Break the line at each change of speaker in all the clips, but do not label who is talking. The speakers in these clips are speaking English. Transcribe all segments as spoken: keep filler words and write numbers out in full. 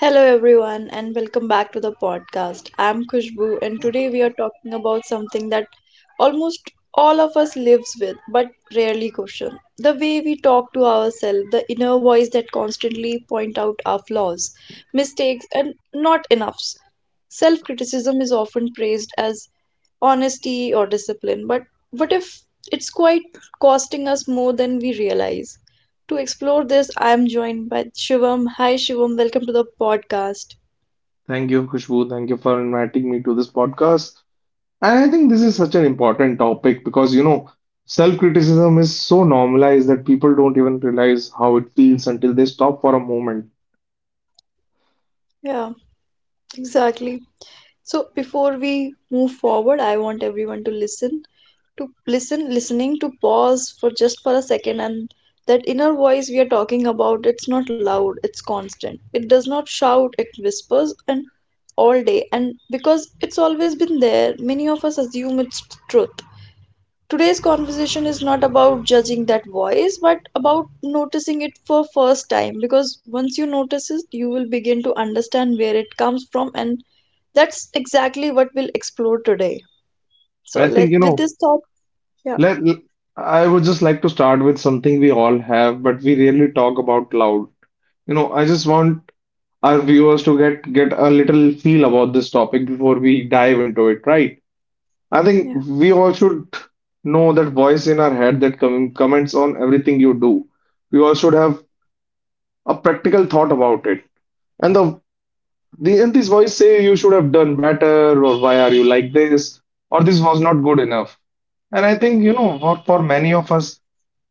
Hello, everyone, and welcome back to the podcast. I'm Kushbu, and today we are talking about something that almost all of us lives with but rarely question, the way we talk to ourselves, the inner voice that constantly point out our flaws, mistakes and not enoughs. Self criticism is often praised as honesty or discipline, but what if it's quite costing us more than we realize? To explore this, I am joined by Shivam. Hi, Shivam. Welcome to the podcast.
Thank you, Khushbu. Thank you for inviting me to this podcast. And I think this is
Mm.
such an important topic because, you know, self-criticism is so normalized that people don't even realize how it feels until they stop for a moment.
Yeah, exactly. So, before we move forward, I want everyone to listen, to listen, listening, to pause for just for a second. And that inner voice we are talking about, it's not loud, it's constant. It does not shout, it whispers and all day. And because it's always been there, many of us assume it's truth. Today's conversation is not about judging that voice, but about noticing it for first time, because once you notice it, you will begin to understand where it comes from, and that's exactly what we'll explore today. So
I
let
think, you
with
know,
this thought, yeah,
let, I would just like to start with something we all have, but we rarely talk about loud. You know, I just want our viewers to get get a little feel about this topic before we dive into it, right? I think
yeah,
we all should know that voice in our head that com- comments on everything you do. We all should have a practical thought about it. And the, the and this voice say you should have done better, or why are you like this, or this was not good enough. And I think you know, for, for many of us,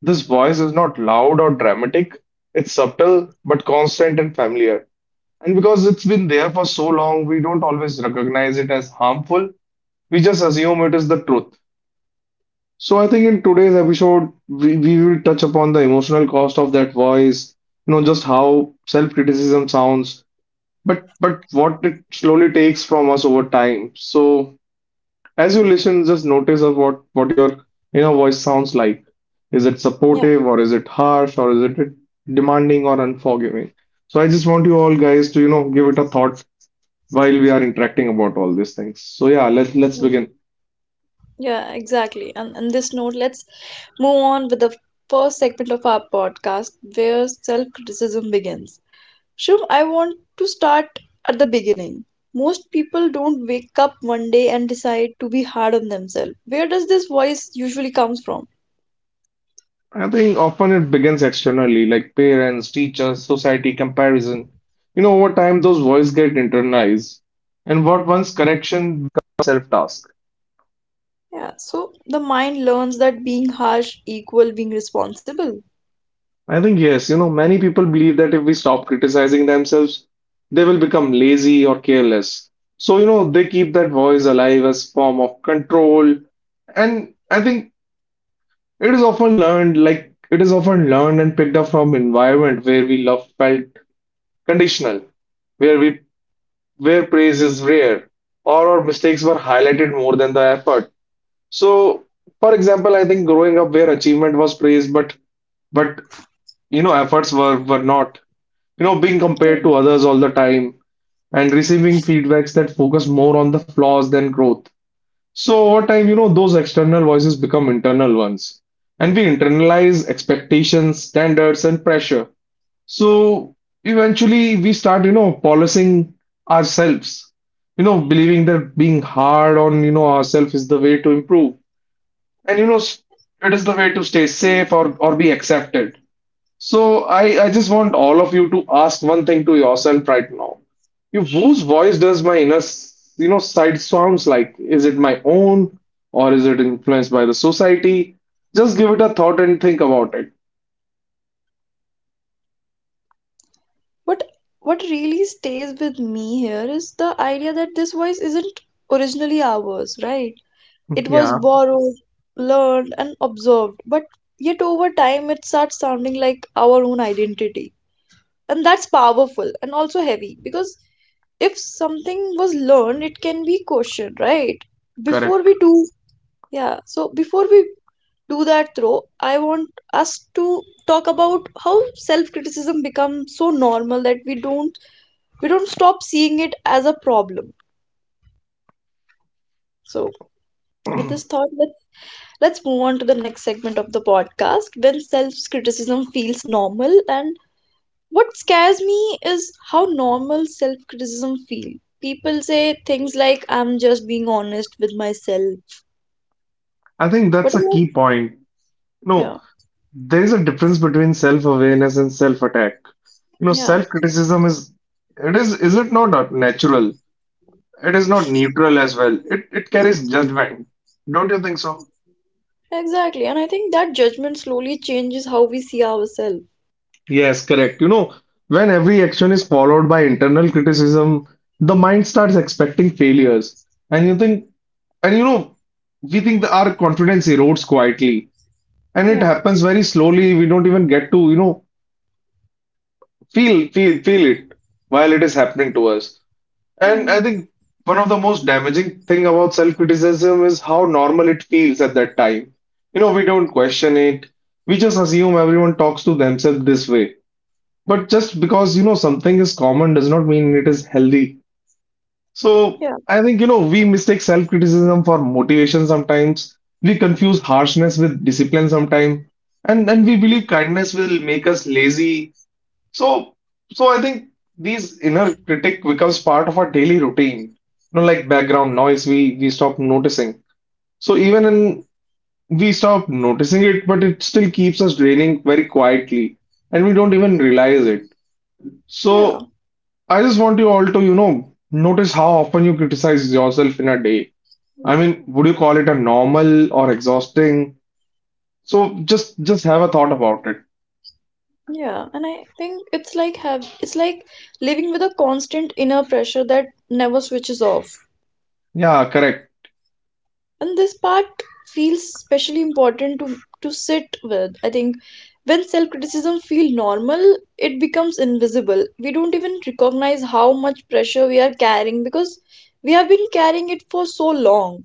this voice is not loud or dramatic. It's subtle but constant and familiar. And because it's been there for so long, we don't always recognize it as harmful. We just assume it is the truth. So I think in today's episode, we, we will touch upon the emotional cost of that voice, you know, just how self-criticism sounds, but but what it slowly takes from us over time. So as you listen, just notice of what what your inner voice sounds like. Is it
yeah.
supportive, or is it harsh, or is it demanding or unforgiving? So I just want you all guys to, you know, give it a thought while we are interacting about all these things. So yeah, let's let's
mm,
begin.
Yeah, exactly. And on this note, let's move on with the first segment of our podcast, where self criticism begins. Shiv, I want to start at the beginning. Most people don't wake up one day and decide to be hard on themselves. Where does this voice usually comes from?
I think often it begins externally, like parents, teachers, society, comparison. You know, over time, those voices get internalized, and what once correction becomes self-task.
Yeah, so the mind learns that being harsh equal being responsible.
I think, yes, you know, many people believe that if we stop criticizing themselves, they will become lazy or careless. So, you know, they keep that voice alive as form of control. And I think it is often learned, like it is often learned and picked up from environment where we love felt conditional where we where praise is rare or our mistakes were highlighted more than the effort. So, for example, I think growing up where achievement was praised, but but you know efforts were were not. You know, being compared
Hmm.
to others all the time and receiving feedbacks that focus more on the flaws than growth. So over time, you know, those external voices become internal ones, and we internalize expectations, standards, and pressure. So eventually we start, you know, policing ourselves, you know, believing that being hard on, you know, ourselves is the way to improve. And, you know, s- it is the way to stay safe or, or be accepted. So I, I just want all of you to ask one thing to yourself right now. You, whose voice does my inner, s- you know, side sounds like? Is it my own or is it influenced by the society? Just give it a thought and think about it.
But what really stays with me here is the idea that this voice isn't originally ours, right? It
Yeah,
was borrowed, learned and observed, but yet over time it starts sounding like our own identity. And that's powerful and also heavy, because if something was learned it can be questioned, right? Before
correct.
we do, yeah, so before we do that throw, I want us to talk about how self criticism becomes so normal that we don't, we don't stop seeing it as a problem. So with this thought, let, let's move on to the next segment of the podcast, when self criticism feels normal. And what scares me is how normal self criticism feels. People say things like, I'm just being honest with myself,
I think
but
that's a
I-
key point. No,
yeah,
there is a difference between self-awareness and self-attack. You know,
yeah,
self-criticism is it is is it not natural? It is not neutral as well. It it carries judgment. Don't you think so?
exactly. And I think that judgment slowly changes how we see ourselves.
Yes, correct. You know, when every action is followed by internal criticism, the mind starts expecting failures. And you think, and you know, we think that our confidence erodes quietly. And it
yeah
happens very slowly. We don't even get to, you know, feel, feel, feel it while it is happening to us.
yeah
And I think one of the most damaging thing about self-criticism is how normal it feels at that time. You know, we don't question it. We just assume everyone talks to themselves this way. But just because, you know, something is common does not mean it is healthy. So
yeah
I think, you know, we mistake self-criticism for motivation sometimes. We confuse harshness with discipline sometimes. And and we believe kindness will make us lazy so, so I think these inner critic becomes part of our daily routine. You know, like background noise, we we stop noticing. So even in we stop noticing it, but it still keeps us draining very quietly, and we don't even realize it.
yeah
So I just want you all to, you know, notice how often you criticize yourself in a day. I mean, would you call it a normal or exhausting? So just just have a thought about it.
yeah, and I think it's like have it's like living with a constant inner pressure that never switches off.
Yeah, correct.
And this part feels especially important to to sit with. I think when self criticism feel normal, it becomes invisible. We don't even recognize how much pressure we are carrying, because we have been carrying it for so long.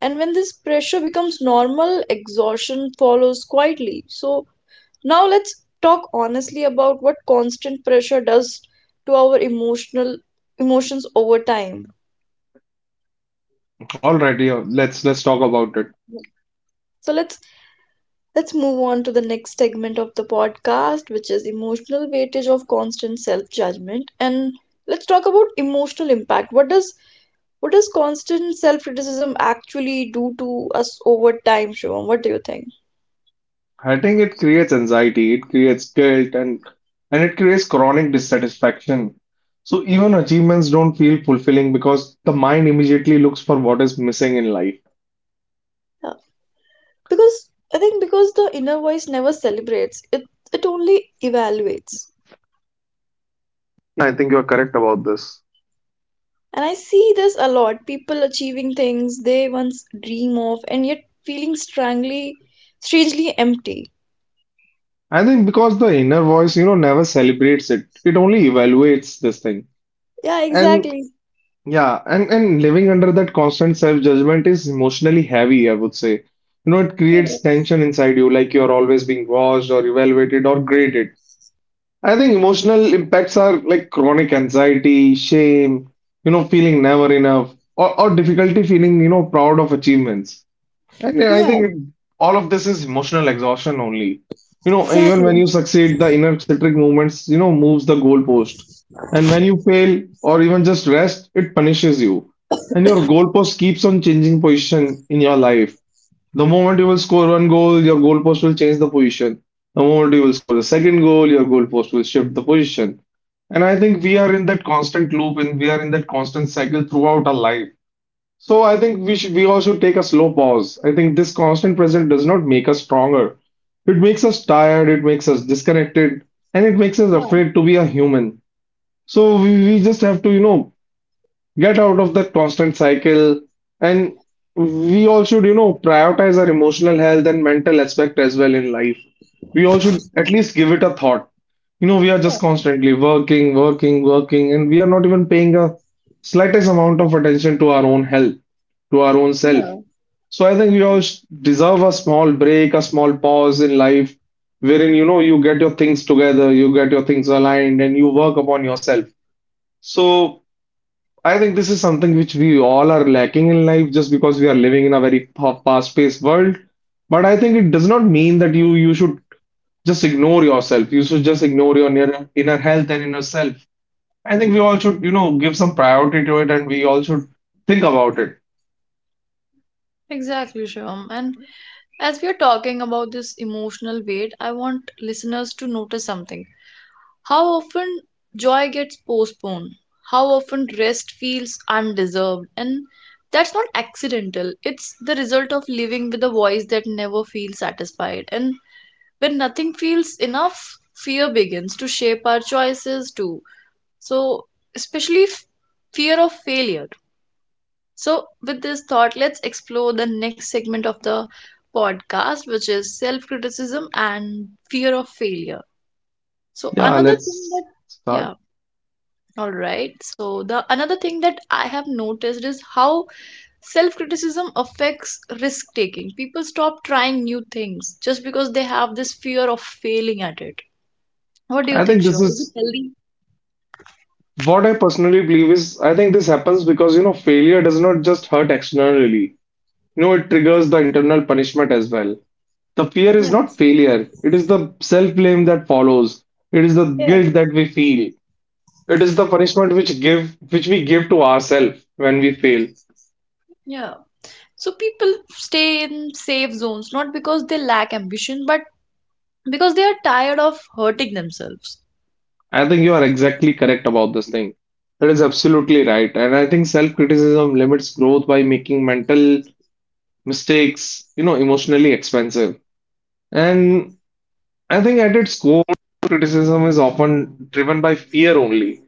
And when this pressure becomes normal, exhaustion follows quietly. So now let's talk honestly about what constant pressure does to our emotional emotions over time.
All right, yeah, let's let's talk about it.
so let's Let's move on to the next segment of the podcast, which is emotional weightage of constant self judgment. And let's talk about emotional impact. What does, what does constant self criticism actually do to us over time, Shivam? What do you think?
I it creates anxiety, it creates guilt, and and it creates chronic dissatisfaction. So even achievements don't feel fulfilling because the mind immediately looks for what is missing in life.
Yeah. Because I think because the inner voice never celebrates, it it only evaluates.
I think you're correct about this.
And I see this a lot. People achieving things they once dream of and yet feeling strangely strangely empty.
I think because the inner voice, you know, never celebrates it. It only evaluates this thing.
Yeah,
And.
exactly.
Yeah, and, and living under that constant self-judgment is emotionally heavy, I would say. You know, it
Yeah.
creates tension inside you, like you're always being watched or evaluated or graded. I think emotional impacts are like chronic anxiety, shame, you know, feeling never enough, or, or difficulty feeling, you know, proud of achievements. And I
Yeah.
think all of this is emotional exhaustion only. You know, even when
Exactly.
you succeed, the inner citric movements, you know, moves the goalpost. And when you fail or even just rest, it punishes you. And your goalpost keeps on changing position in your life. The moment you will score one goal, your goalpost will change the position. The moment you will score the second goal, your goalpost will shift the position. And I think we are in that constant loop and we are in that constant cycle throughout our life. So I think we should we all should take a slow pause. I think this constant pressure does not make us stronger. It makes us tired, it makes us disconnected, and it makes us
Yeah.
afraid to be a human. So we, we just have to, you know, get out of that constant cycle and we all should, you know, prioritize our emotional health and mental aspect as well in life. We all should at least give it a thought. You know, we are
Yeah.
just constantly working, working, working, and we are not even paying a slightest amount of attention to our own health, to our own self.
Yeah.
So I think we all sh- deserve a small break, a small pause in life, wherein you know you get your things together, you get your things aligned, and you work upon yourself. So I think this is something which we all are lacking in life, just because we are living in a very fa- fast-paced world. But I think it does not mean that you you should just ignore yourself. You should just ignore your inner, inner health and inner self. I think we all should, you know, give some priority to it and we all should think about it.
Exactly, Shivam. And as we are talking about this emotional weight, I want listeners to notice something. How often joy gets postponed, how often rest feels undeserved, and that's not accidental. It's the result of living with a voice that never feels satisfied. And when nothing feels enough, fear begins to shape our choices too. So, especially f- fear of failure. So, with this thought, let's explore the next segment of the podcast, which is self criticism and fear of failure. So,
Yeah,
another thing
let's
that,
start.
yeah, all right. So, the another thing that I have noticed is how self criticism affects risk taking. People stop trying new things just because they have this fear of failing at it. What do you
I
think,
think this
Shivam? Is it
is
healthy?
what I personally believe is I think this happens because, you know, failure does not just hurt externally. You know, it triggers the internal punishment as well. The fear is not
Yes.
failure, it is the self-blame that follows. It is the
Yeah.
guilt that we feel. It is the punishment which give which we give to ourselves when we fail.
Yeah. So people stay in safe zones not because they lack ambition, but because they are tired of hurting themselves.
I think you are exactly correct about this thing. That is
Yeah.
absolutely right. And I think self-criticism limits growth by making mental mistakes, you know, emotionally expensive. And I think at its core, criticism is often driven by fear only.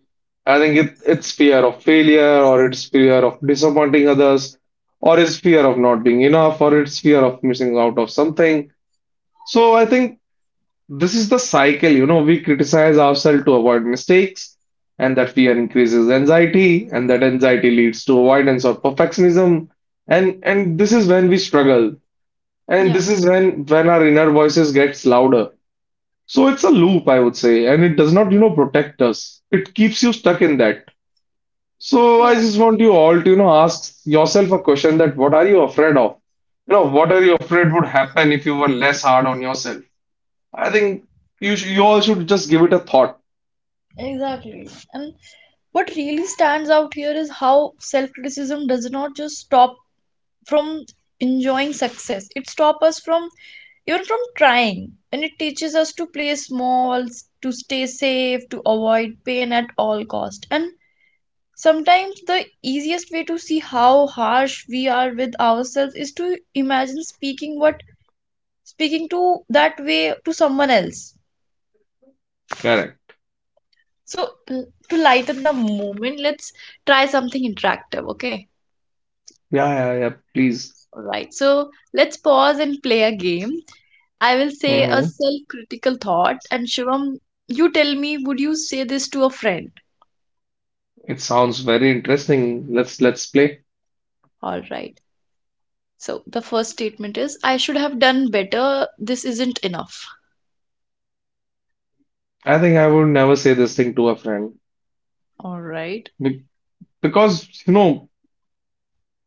I think it, it's fear of failure, or it's fear of disappointing others, or it's fear of not being enough, or it's fear of missing out of something. So I think this is the cycle, you know, we criticize ourselves to avoid mistakes, and that fear increases anxiety, and that anxiety leads to avoidance or perfectionism. And and this is when we struggle, and
Yeah,
this is when when our inner voices gets louder. So it's a loop, I would say, and it does not, you know, protect us. It keeps you stuck in that. So I
yeah,
just want you all to, you know, ask yourself a question that what are you afraid of? You know, what are you afraid would happen if you were less hard on yourself? I think you sh you all should just give it a thought.
exactly. And what really stands out here is how self criticism does not just stop from enjoying success, it stops us from even from trying. And it teaches us to play small, s- to stay safe, to avoid pain at all cost. And sometimes the easiest way to see how harsh we are with ourselves is to imagine speaking what speaking to that way to someone else.
Correct.
So mm, to lighten the moment, let's try something interactive, okay?
Yeah, yeah, yeah. Please.
All right. So let's pause and play a game. I will say a
hmm
self-critical thought, and Shivam, you tell me, would you say this to a friend?
It sounds very interesting. Let's let's play.
All right. So the first statement is, I should have done better. This isn't enough.
I think I would never say this thing to a friend.
All right.
Be- because you know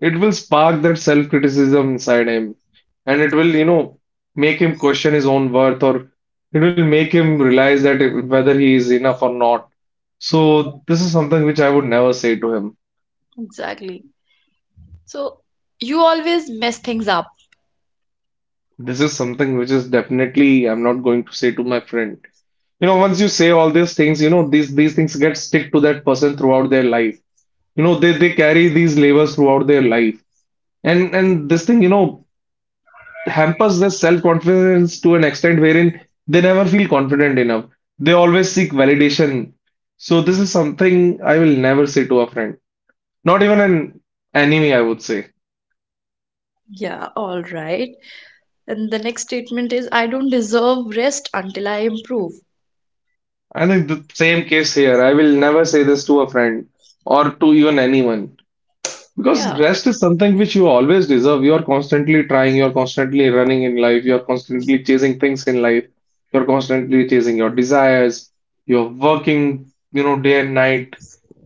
it will spark that self-criticism inside him, and it will you know make him question his own worth, or it will make him realize that if- whether he is enough or not.
Yeah,
So this is something which I would never say to him.
exactly. So, you always mess things up.
This is something which is definitely I'm not going to say to my friend. You know, once you say all these things, you know, these these things get stick to that person throughout their life. You know, they they carry these labels throughout their life. And and this thing, you know, hampers their self-confidence to an extent wherein they never feel confident enough. They always seek validation. So this is something I will never say to a friend. Not even an enemy, I would say.
Yeah, all right. And the next statement is, I don't deserve rest until I improve.
I think the same case here. I will never say this to a friend or to even anyone. Because
Yeah.
rest is something which you always deserve. You're constantly trying, you're constantly running in life, you're constantly chasing things in life, you're constantly chasing your desires, you're working, you know, day and night.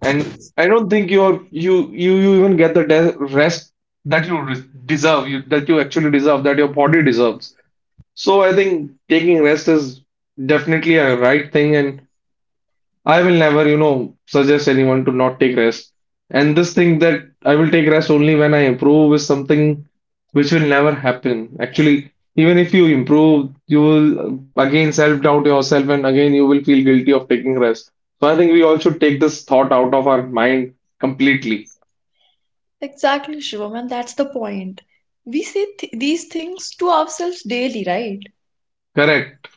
And I don't think you're you you you even get the de rest that you re deserve, you that you actually deserve, that your body deserves. So I think taking rest is definitely a right thing, and I will never, you know, suggest anyone to not take rest. And this thing that I will take rest only when I improve is something which will never happen. Actually, even if you improve, you will uh, again self-doubt yourself and again you will feel guilty of taking rest. So I think we all should take this thought out of our mind completely.
Exactly, Shivam, and that's the point. We say th these things to ourselves daily, right?
Correct.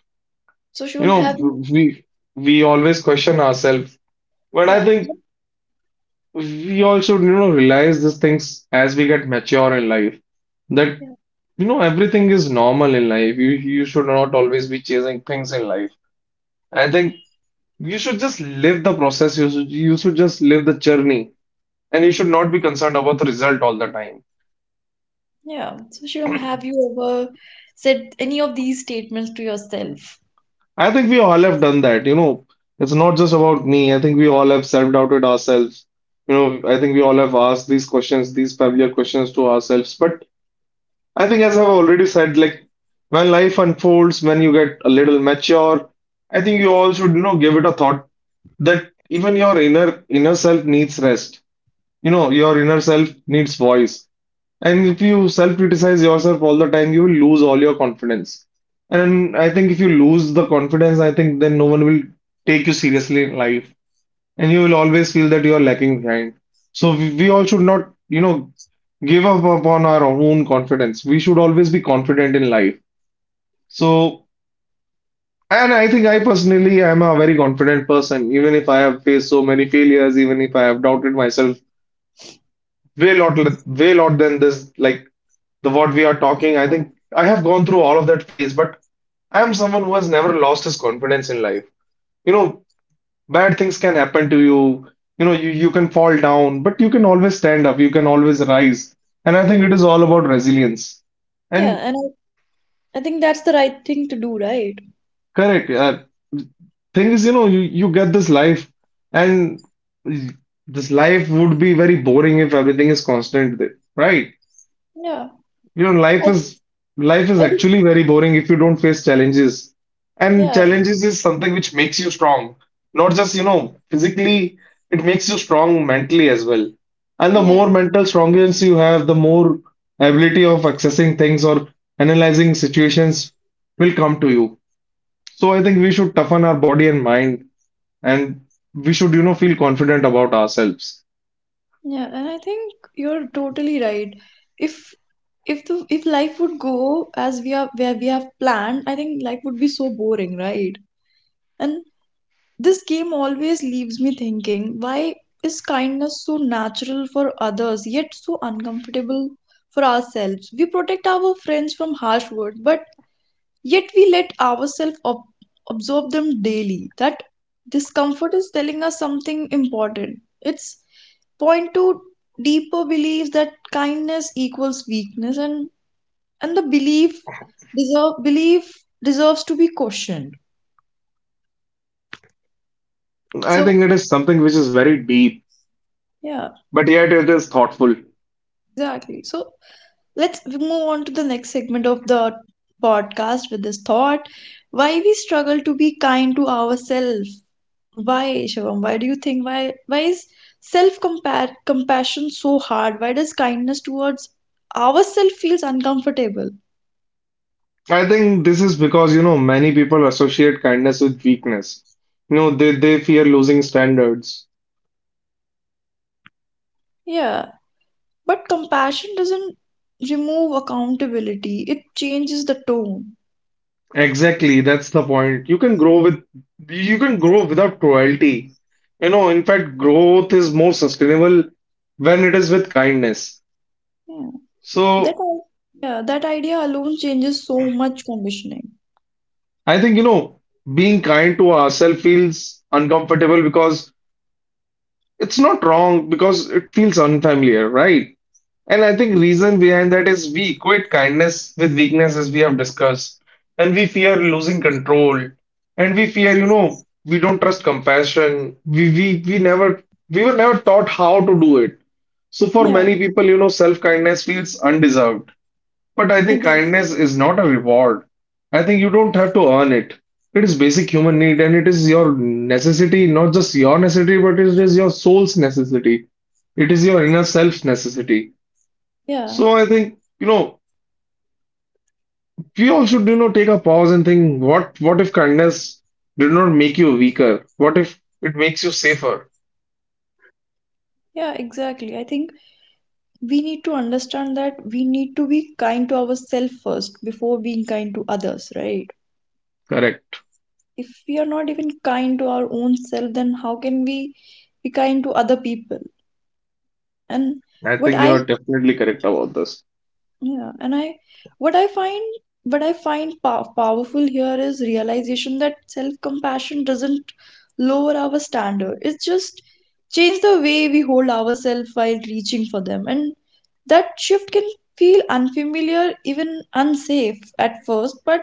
So,
You
Shivam, have
know,
you,
we we always question ourselves, but I
yeah,
think we all should, you know, realize these things as we get mature in life that
yeah,
you know, everything is normal in life. You you should not always be chasing things in life. I think you should just live the process. You should, you should just live the journey, and you should not be concerned about the result all the time.
yeah. So, Shivam, have you ever said any of these statements to yourself?
I think we all have done that. You know, it's not just about me. I think we all have self-doubted ourselves. You know, I think we all have asked these questions, these familiar questions to ourselves. But I think, as I've already said, like when life unfolds, when you get a little mature, I think you all should, you know, give it a thought that even your inner inner self needs rest. You know, your inner self needs voice. And if you self-criticize yourself all the time, you will lose all your confidence. And I think if you lose the confidence, I think then no one will take you seriously in life, and you will always feel that you are lacking behind. So we, we all should not, you know, give up upon our own confidence. We should always be confident in life. So and I think I personally am a very confident person, even if I have faced so many failures, even if I have doubted myself way lot, way lot than this, like the what we are talking. I think I have gone through all of that phase, but I am someone who has never lost his confidence in life. You know, bad things can happen to you. You know, you, you can fall down, but you can always stand up. You can always rise. And I think it is all about resilience.
Yeah,
And
and I, I think that's the right thing to do, right?
correct. Uh, thing is, you know, you, you get this life, and this life would be very boring if everything is constant, th- right?
Yeah,
You know,
I
life
think,
is life
I
is
think,
actually very boring if you don't face challenges. And
yeah,
challenges is something which makes you strong. Not just, you know, physically, it makes you strong mentally as well. And the
yeah,
more mental strongness you have, the more ability of accessing things or analyzing situations will come to you. So I think we should toughen our body and mind, and we should, you know, feel confident about ourselves.
yeah, and I think you're totally right. If if the if life would go as we are where we have planned, I think life would be so boring, right? And this game always leaves me thinking, why is kindness so natural for others yet so uncomfortable for ourselves? We protect our friends from harsh words, but yet we let ourselves ob- absorb them daily. That discomfort is telling us something important. It's point to deeper beliefs that kindness equals weakness, and and the belief deserve belief deserves to be questioned.
I
So
think it is something which is very deep,
yeah,
but yet it is thoughtful.
exactly. So let's move on to the next segment of the podcast with this thought, why we struggle to be kind to ourselves. Why Shivam, why do you think, why why is self compassion so hard? Why does kindness towards ourselves feels uncomfortable?
I think this is because, you know, many people associate kindness with weakness. You know, they, they fear losing standards.
Yeah, but compassion doesn't remove accountability, it changes the tone.
Exactly, that's the point. You can grow with, you can grow without cruelty. You know, in fact, growth is more sustainable when it is with kindness.
yeah that
So
al- yeah, that idea alone changes so much conditioning.
I think, you know, being kind to ourselves feels uncomfortable because it's not wrong, because it feels unfamiliar, right? And I think reason behind that is we equate kindness with weakness as we have discussed, and we fear losing control, and we fear, you know, we don't trust compassion. We we we never we were never taught how to do it. So for
Yeah,
many people, you know, self-kindness feels undeserved. But I think
exactly.
kindness is not a reward. I think you don't have to earn it. It is basic human need and it is your necessity, not just your necessity, but it is your soul's necessity. It is your inner self's necessity.
yeah
So I think, you know, we all should, you know, take a pause and think what what if kindness did not make you weaker? What if it makes you safer?
yeah exactly, I think we need to understand that we need to be kind to ourselves first before being kind to others, right?
Correct.
If we are not even kind to our own self, then how can we be kind to other people? And
I
what
think
I
you're definitely correct about this.
Yeah, and I what I find what I find pow powerful here is realization that self-compassion doesn't lower our standard. It's just change the way we hold ourselves while reaching for them. And that shift can feel unfamiliar, even unsafe at first, but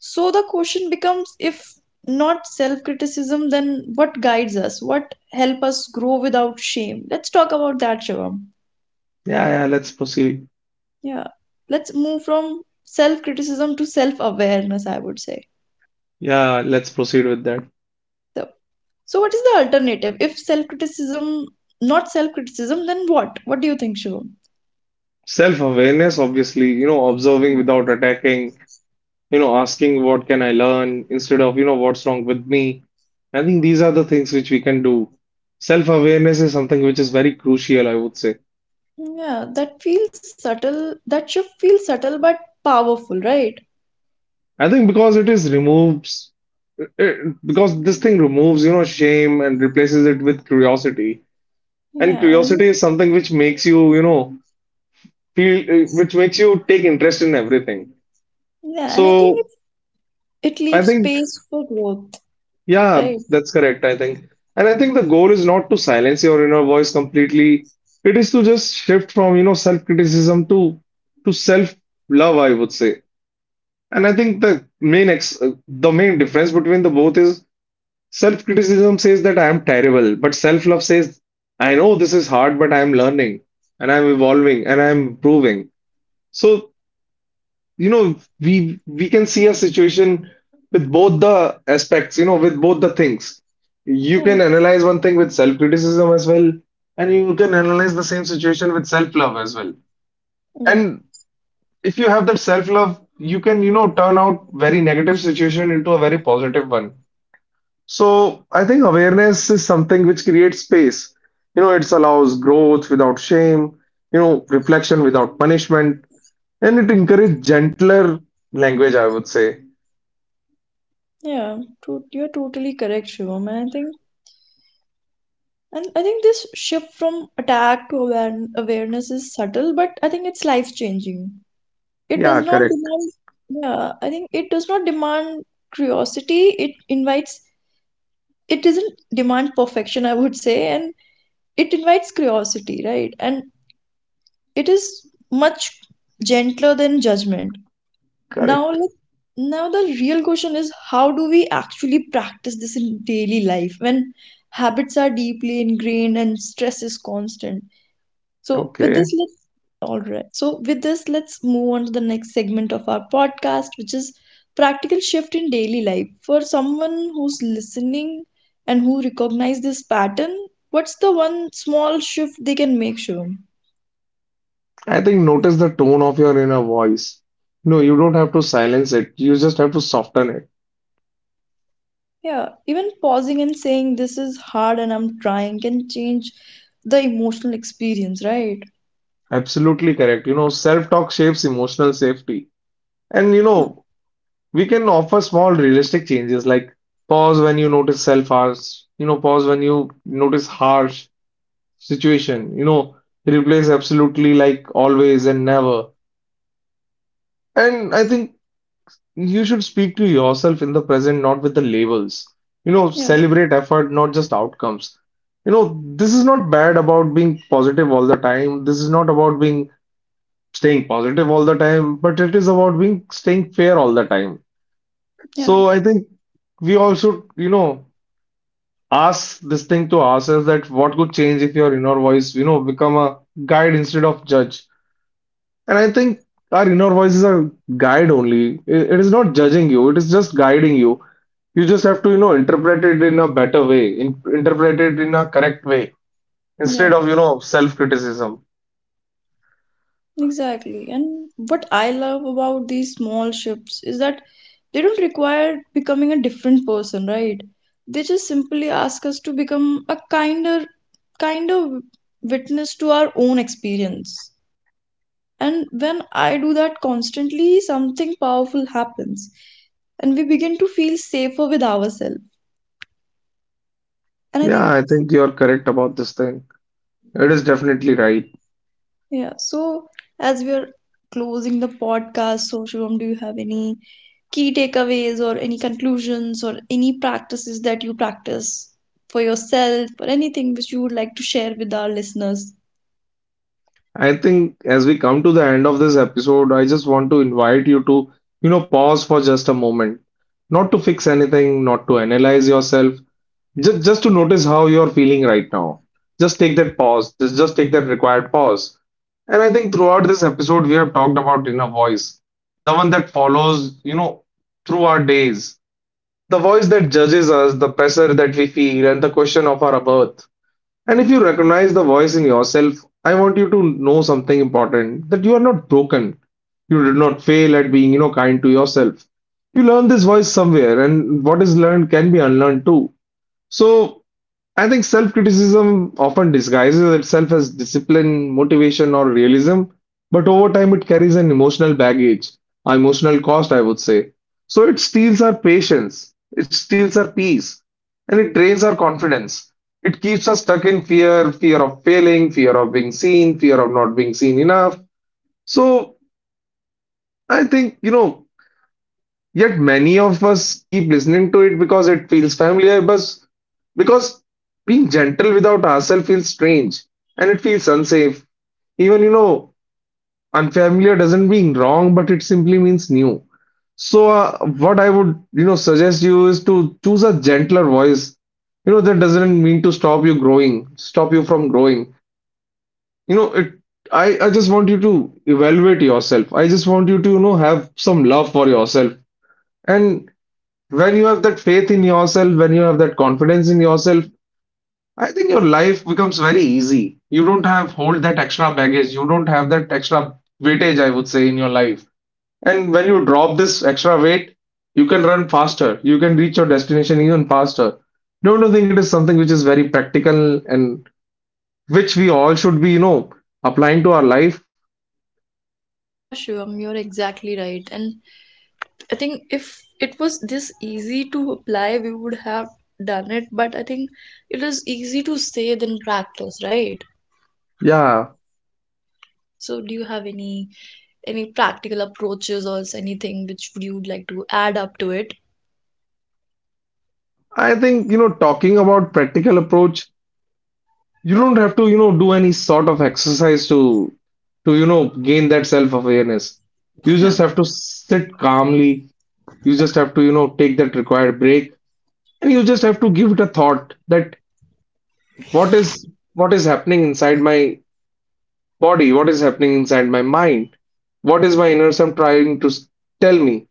so the question becomes, if not self-criticism, then what guides us? What help us grow without shame? Let's talk about that, Shivam.
Yeah, yeah, let's proceed.
Yeah. Let's move from self criticism to self awareness, I would say.
Yeah, let's proceed with that.
So, so, what is the alternative? If self criticism, not self criticism, then what? What do you think, Shivam?
Self-awareness, obviously, you know, observing
Mm.
without attacking, you know, asking what can I learn instead of, you know, what's wrong with me. I think these are the things which we can do. Self-awareness is something which is very crucial, I would say.
Yeah, that feels subtle. That shift feels subtle but powerful, right?
I think because it is removes, it, because this thing removes, you know, shame and replaces it with curiosity. And
Yeah. and-
curiosity is something which makes you, you know, feel, eh, which makes you take interest in everything.
Yeah, and I
So
think it, it
I
leaves
think
space for growth,
yeah,
right?
that's correct, I think. And I think the goal is not to silence your inner voice completely. It is to just shift from, you know, self-criticism to to self-love, I would say. And I think the main ex uh, the main difference between the both is self-criticism says that I am terrible, but self-love says I know this is hard, but I am learning and I am evolving and I am improving. So you know we we can see a situation with both the aspects, you know, with both the things. You can
Yeah,
analyze one thing with self criticism as well, and you can analyze the same situation with self love as well.
yeah,
And if you have that self love, you can, you know, turn out very negative situation into a very positive one. So I think awareness is something which creates space. You know, it allows growth without shame, you know, reflection without punishment, and it encourages gentler language, I would say.
yeah. True, you're totally correct, Shivam. And I think And I think this shift from attack to aware- awareness is subtle, but I think it's life changing. It does
Yeah,
not
correct,
demand, yeah, I think it does not demand curiosity. It invites, it doesn't demand perfection, I would say, and it invites curiosity, right? And it is much gentler than judgment. Now,
correct.
let Now the real question is, how do we actually practice this in daily life when habits are deeply ingrained and stress is constant? So with
Okay.
this, let's All right. So with this, let's move on to the next segment of our podcast, which is practical shift in daily life. For someone who's listening and who recognize this pattern, what's the one small shift they can make, Shivam?
I think notice the tone of your inner voice. No, you don't have to silence it. You just have to soften it.
Yeah, even pausing and saying this is hard and I'm trying can change the emotional experience, right?
Absolutely correct. You know, self-talk shapes emotional safety. And you know, we can offer small realistic changes like pause when you notice self-harsh, you know, pause when you notice harsh situation, you know, replace absolutely like always and never. And I think you should speak to yourself in the present, not with the labels. You know,
Yeah,
celebrate effort, not just outcomes. You know, this is not bad about being positive all the time. This is not about being staying positive all the time, but it is about being staying fair all the time.
yeah,
So I think we all should, you know, ask this thing to ourselves that what could change if your inner voice, you know, become a guide instead of judge. And I think our inner voice is a guide only. It, it is not judging you, it is just guiding you. You just have to, you know, interpret it in a better way, in, interpret it in a correct way instead
yeah.
of, you know, self-criticism.
Exactly. And what I love about these small shifts is that they don't require becoming a different person, right? They just simply ask us to become a kinder, kinder witness to our own experience. And when I do that constantly, something powerful happens and we begin to feel safer with ourselves. And I
Yeah,
think,
I think you're correct about this thing. It is definitely right.
yeah, so As we are closing the podcast, Shubham, do you have any key takeaways or any conclusions or any practices that you practice for yourself or anything which you would like to share with our listeners?
I think as we come to the end of this episode, I just want to invite you to, you know, pause for just a moment. Not to fix anything, not to analyze yourself, Just, just to notice how you're feeling right now. Just take that pause. Just, just take that required pause. And I think throughout this episode, we have talked about inner voice, the one that follows, you know, through our days, the voice that judges us, the pressure that we feel, and the question of our worth. And if you recognize the voice in yourself, I want you to know something important that you are not broken. You did not fail at being, you know, kind to yourself. You learned this voice somewhere, and what is learned can be unlearned too. So I think self-criticism often disguises itself as discipline, motivation, or realism, but over time it carries an emotional baggage, an emotional cost, I would say. So it steals our patience, it steals our peace, and it drains our confidence. It keeps us stuck in fear, fear of failing, fear of being seen, fear of not being seen enough. So I think, you know, yet many of us keep listening to it because it feels familiar, because, because being gentle without ourselves feels strange and it feels unsafe. Even, you know, unfamiliar doesn't mean wrong, but it simply means new. So, uh, what I would, you know, suggest you is to choose a gentler voice. You know, that doesn't mean to stop you growing, stop you from growing. You know, it, I, I just want you to evaluate yourself. I just want you to, you know, have some love for yourself. And when you have that faith in yourself, when you have that confidence in yourself, I think your life becomes very easy. You don't have hold that extra baggage. You don't have that extra weightage, I would say, in your life. And when you drop this extra weight, you can run faster. You can reach your destination even faster. Don't you think it is something which is very practical and which we all should be, you know, applying to our life?
Yeah, Shivam, you're exactly right. And I think if it was this easy to apply, we would have done it. But I think it is easy to say than practice, right?
Yeah,
So, do you have any any practical approaches or anything which would you would like to add up to it?
I think, you know, talking about practical approach, you
Yeah,
don't have to, you know, do any sort of exercise to to, you know, gain that self-awareness. You
Yeah,
just have to sit calmly. You just have to, you know, take that required break and you just have to give it a thought that what is what is happening inside my body? What is happening inside my mind? What is my inner self trying to s- tell me?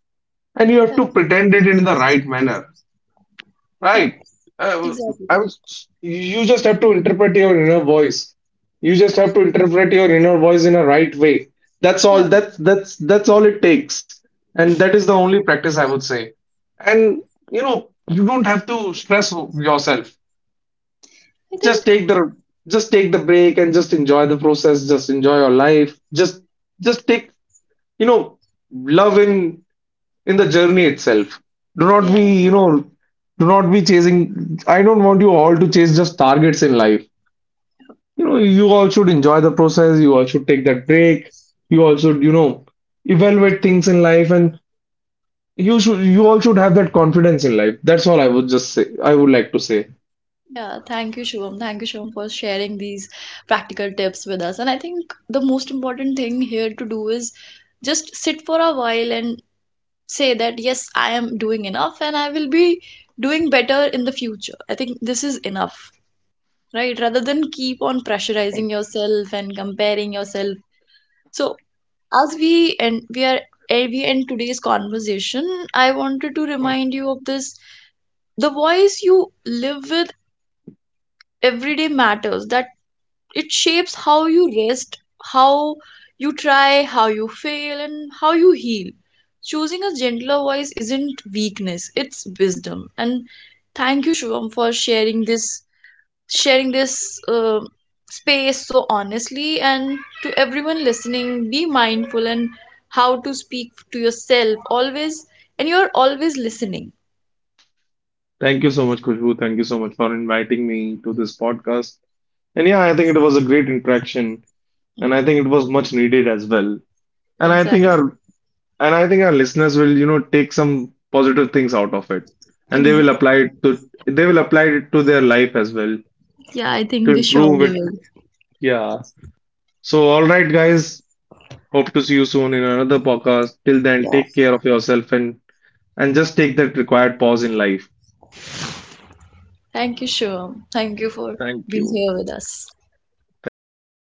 And you have
yeah,
to pretend it in the right manner.
yeah,
Right. Uh,
exactly.
I was, you just have to interpret your inner voice. You just
Yeah.
have to interpret your inner voice in a right way. That's all.
yeah.
That's that's that's all it takes. And that is the only practice I would say. And you know, you don't have to stress yourself.
I
Just
think
take the just take the break and just enjoy the process. Just enjoy your life. Just just take, you know, love in in the journey itself. Do not
yeah.
be, you know, do not be chasing. I don't want you all to chase just targets in life. You know, you all should enjoy the process. You all should take that break. You all should, you know, evaluate things in life, and you should, you all should have that confidence in life. That's all I would just say. I would like to say.
Yeah, Thank you, Shubham. Thank you, Shubham, for sharing these practical tips with us. And I think the most important thing here to do is just sit for a while and say that, yes, I am doing enough and I will be doing better in the future. I think this is enough, right? Rather than keep on pressurizing yourself and comparing yourself. So, as we end, we are eh, we end today's conversation. I wanted to remind you of this. The voice you live with every day matters. That It shapes how you rest, how you try, how you fail, and how you heal. Choosing a gentler voice isn't weakness, it's wisdom. And thank you, Shivam, for sharing this sharing this uh, space so honestly. And to everyone listening, be mindful and how to speak to yourself always, and you're always listening.
Thank you so much, Kushbu. Thank you so much for inviting me to this podcast. And yeah, I think it was a great interaction, and
Yeah,
I think it was much needed as well. And I think
exactly.
our And I think our listeners will, you know, take some positive things out of it and they will
Ex-
apply it to they will apply it to their life as well
yeah, I
to
think they
improve it.
surely
Yeah. So all right guys, hope to see you soon in another podcast. Till then,
will.
take care of yourself and and just take that required pause in life.
Thank you, Shivam. Thank you for
Thank
being
you.
here with us.
Thank you, Kushbu.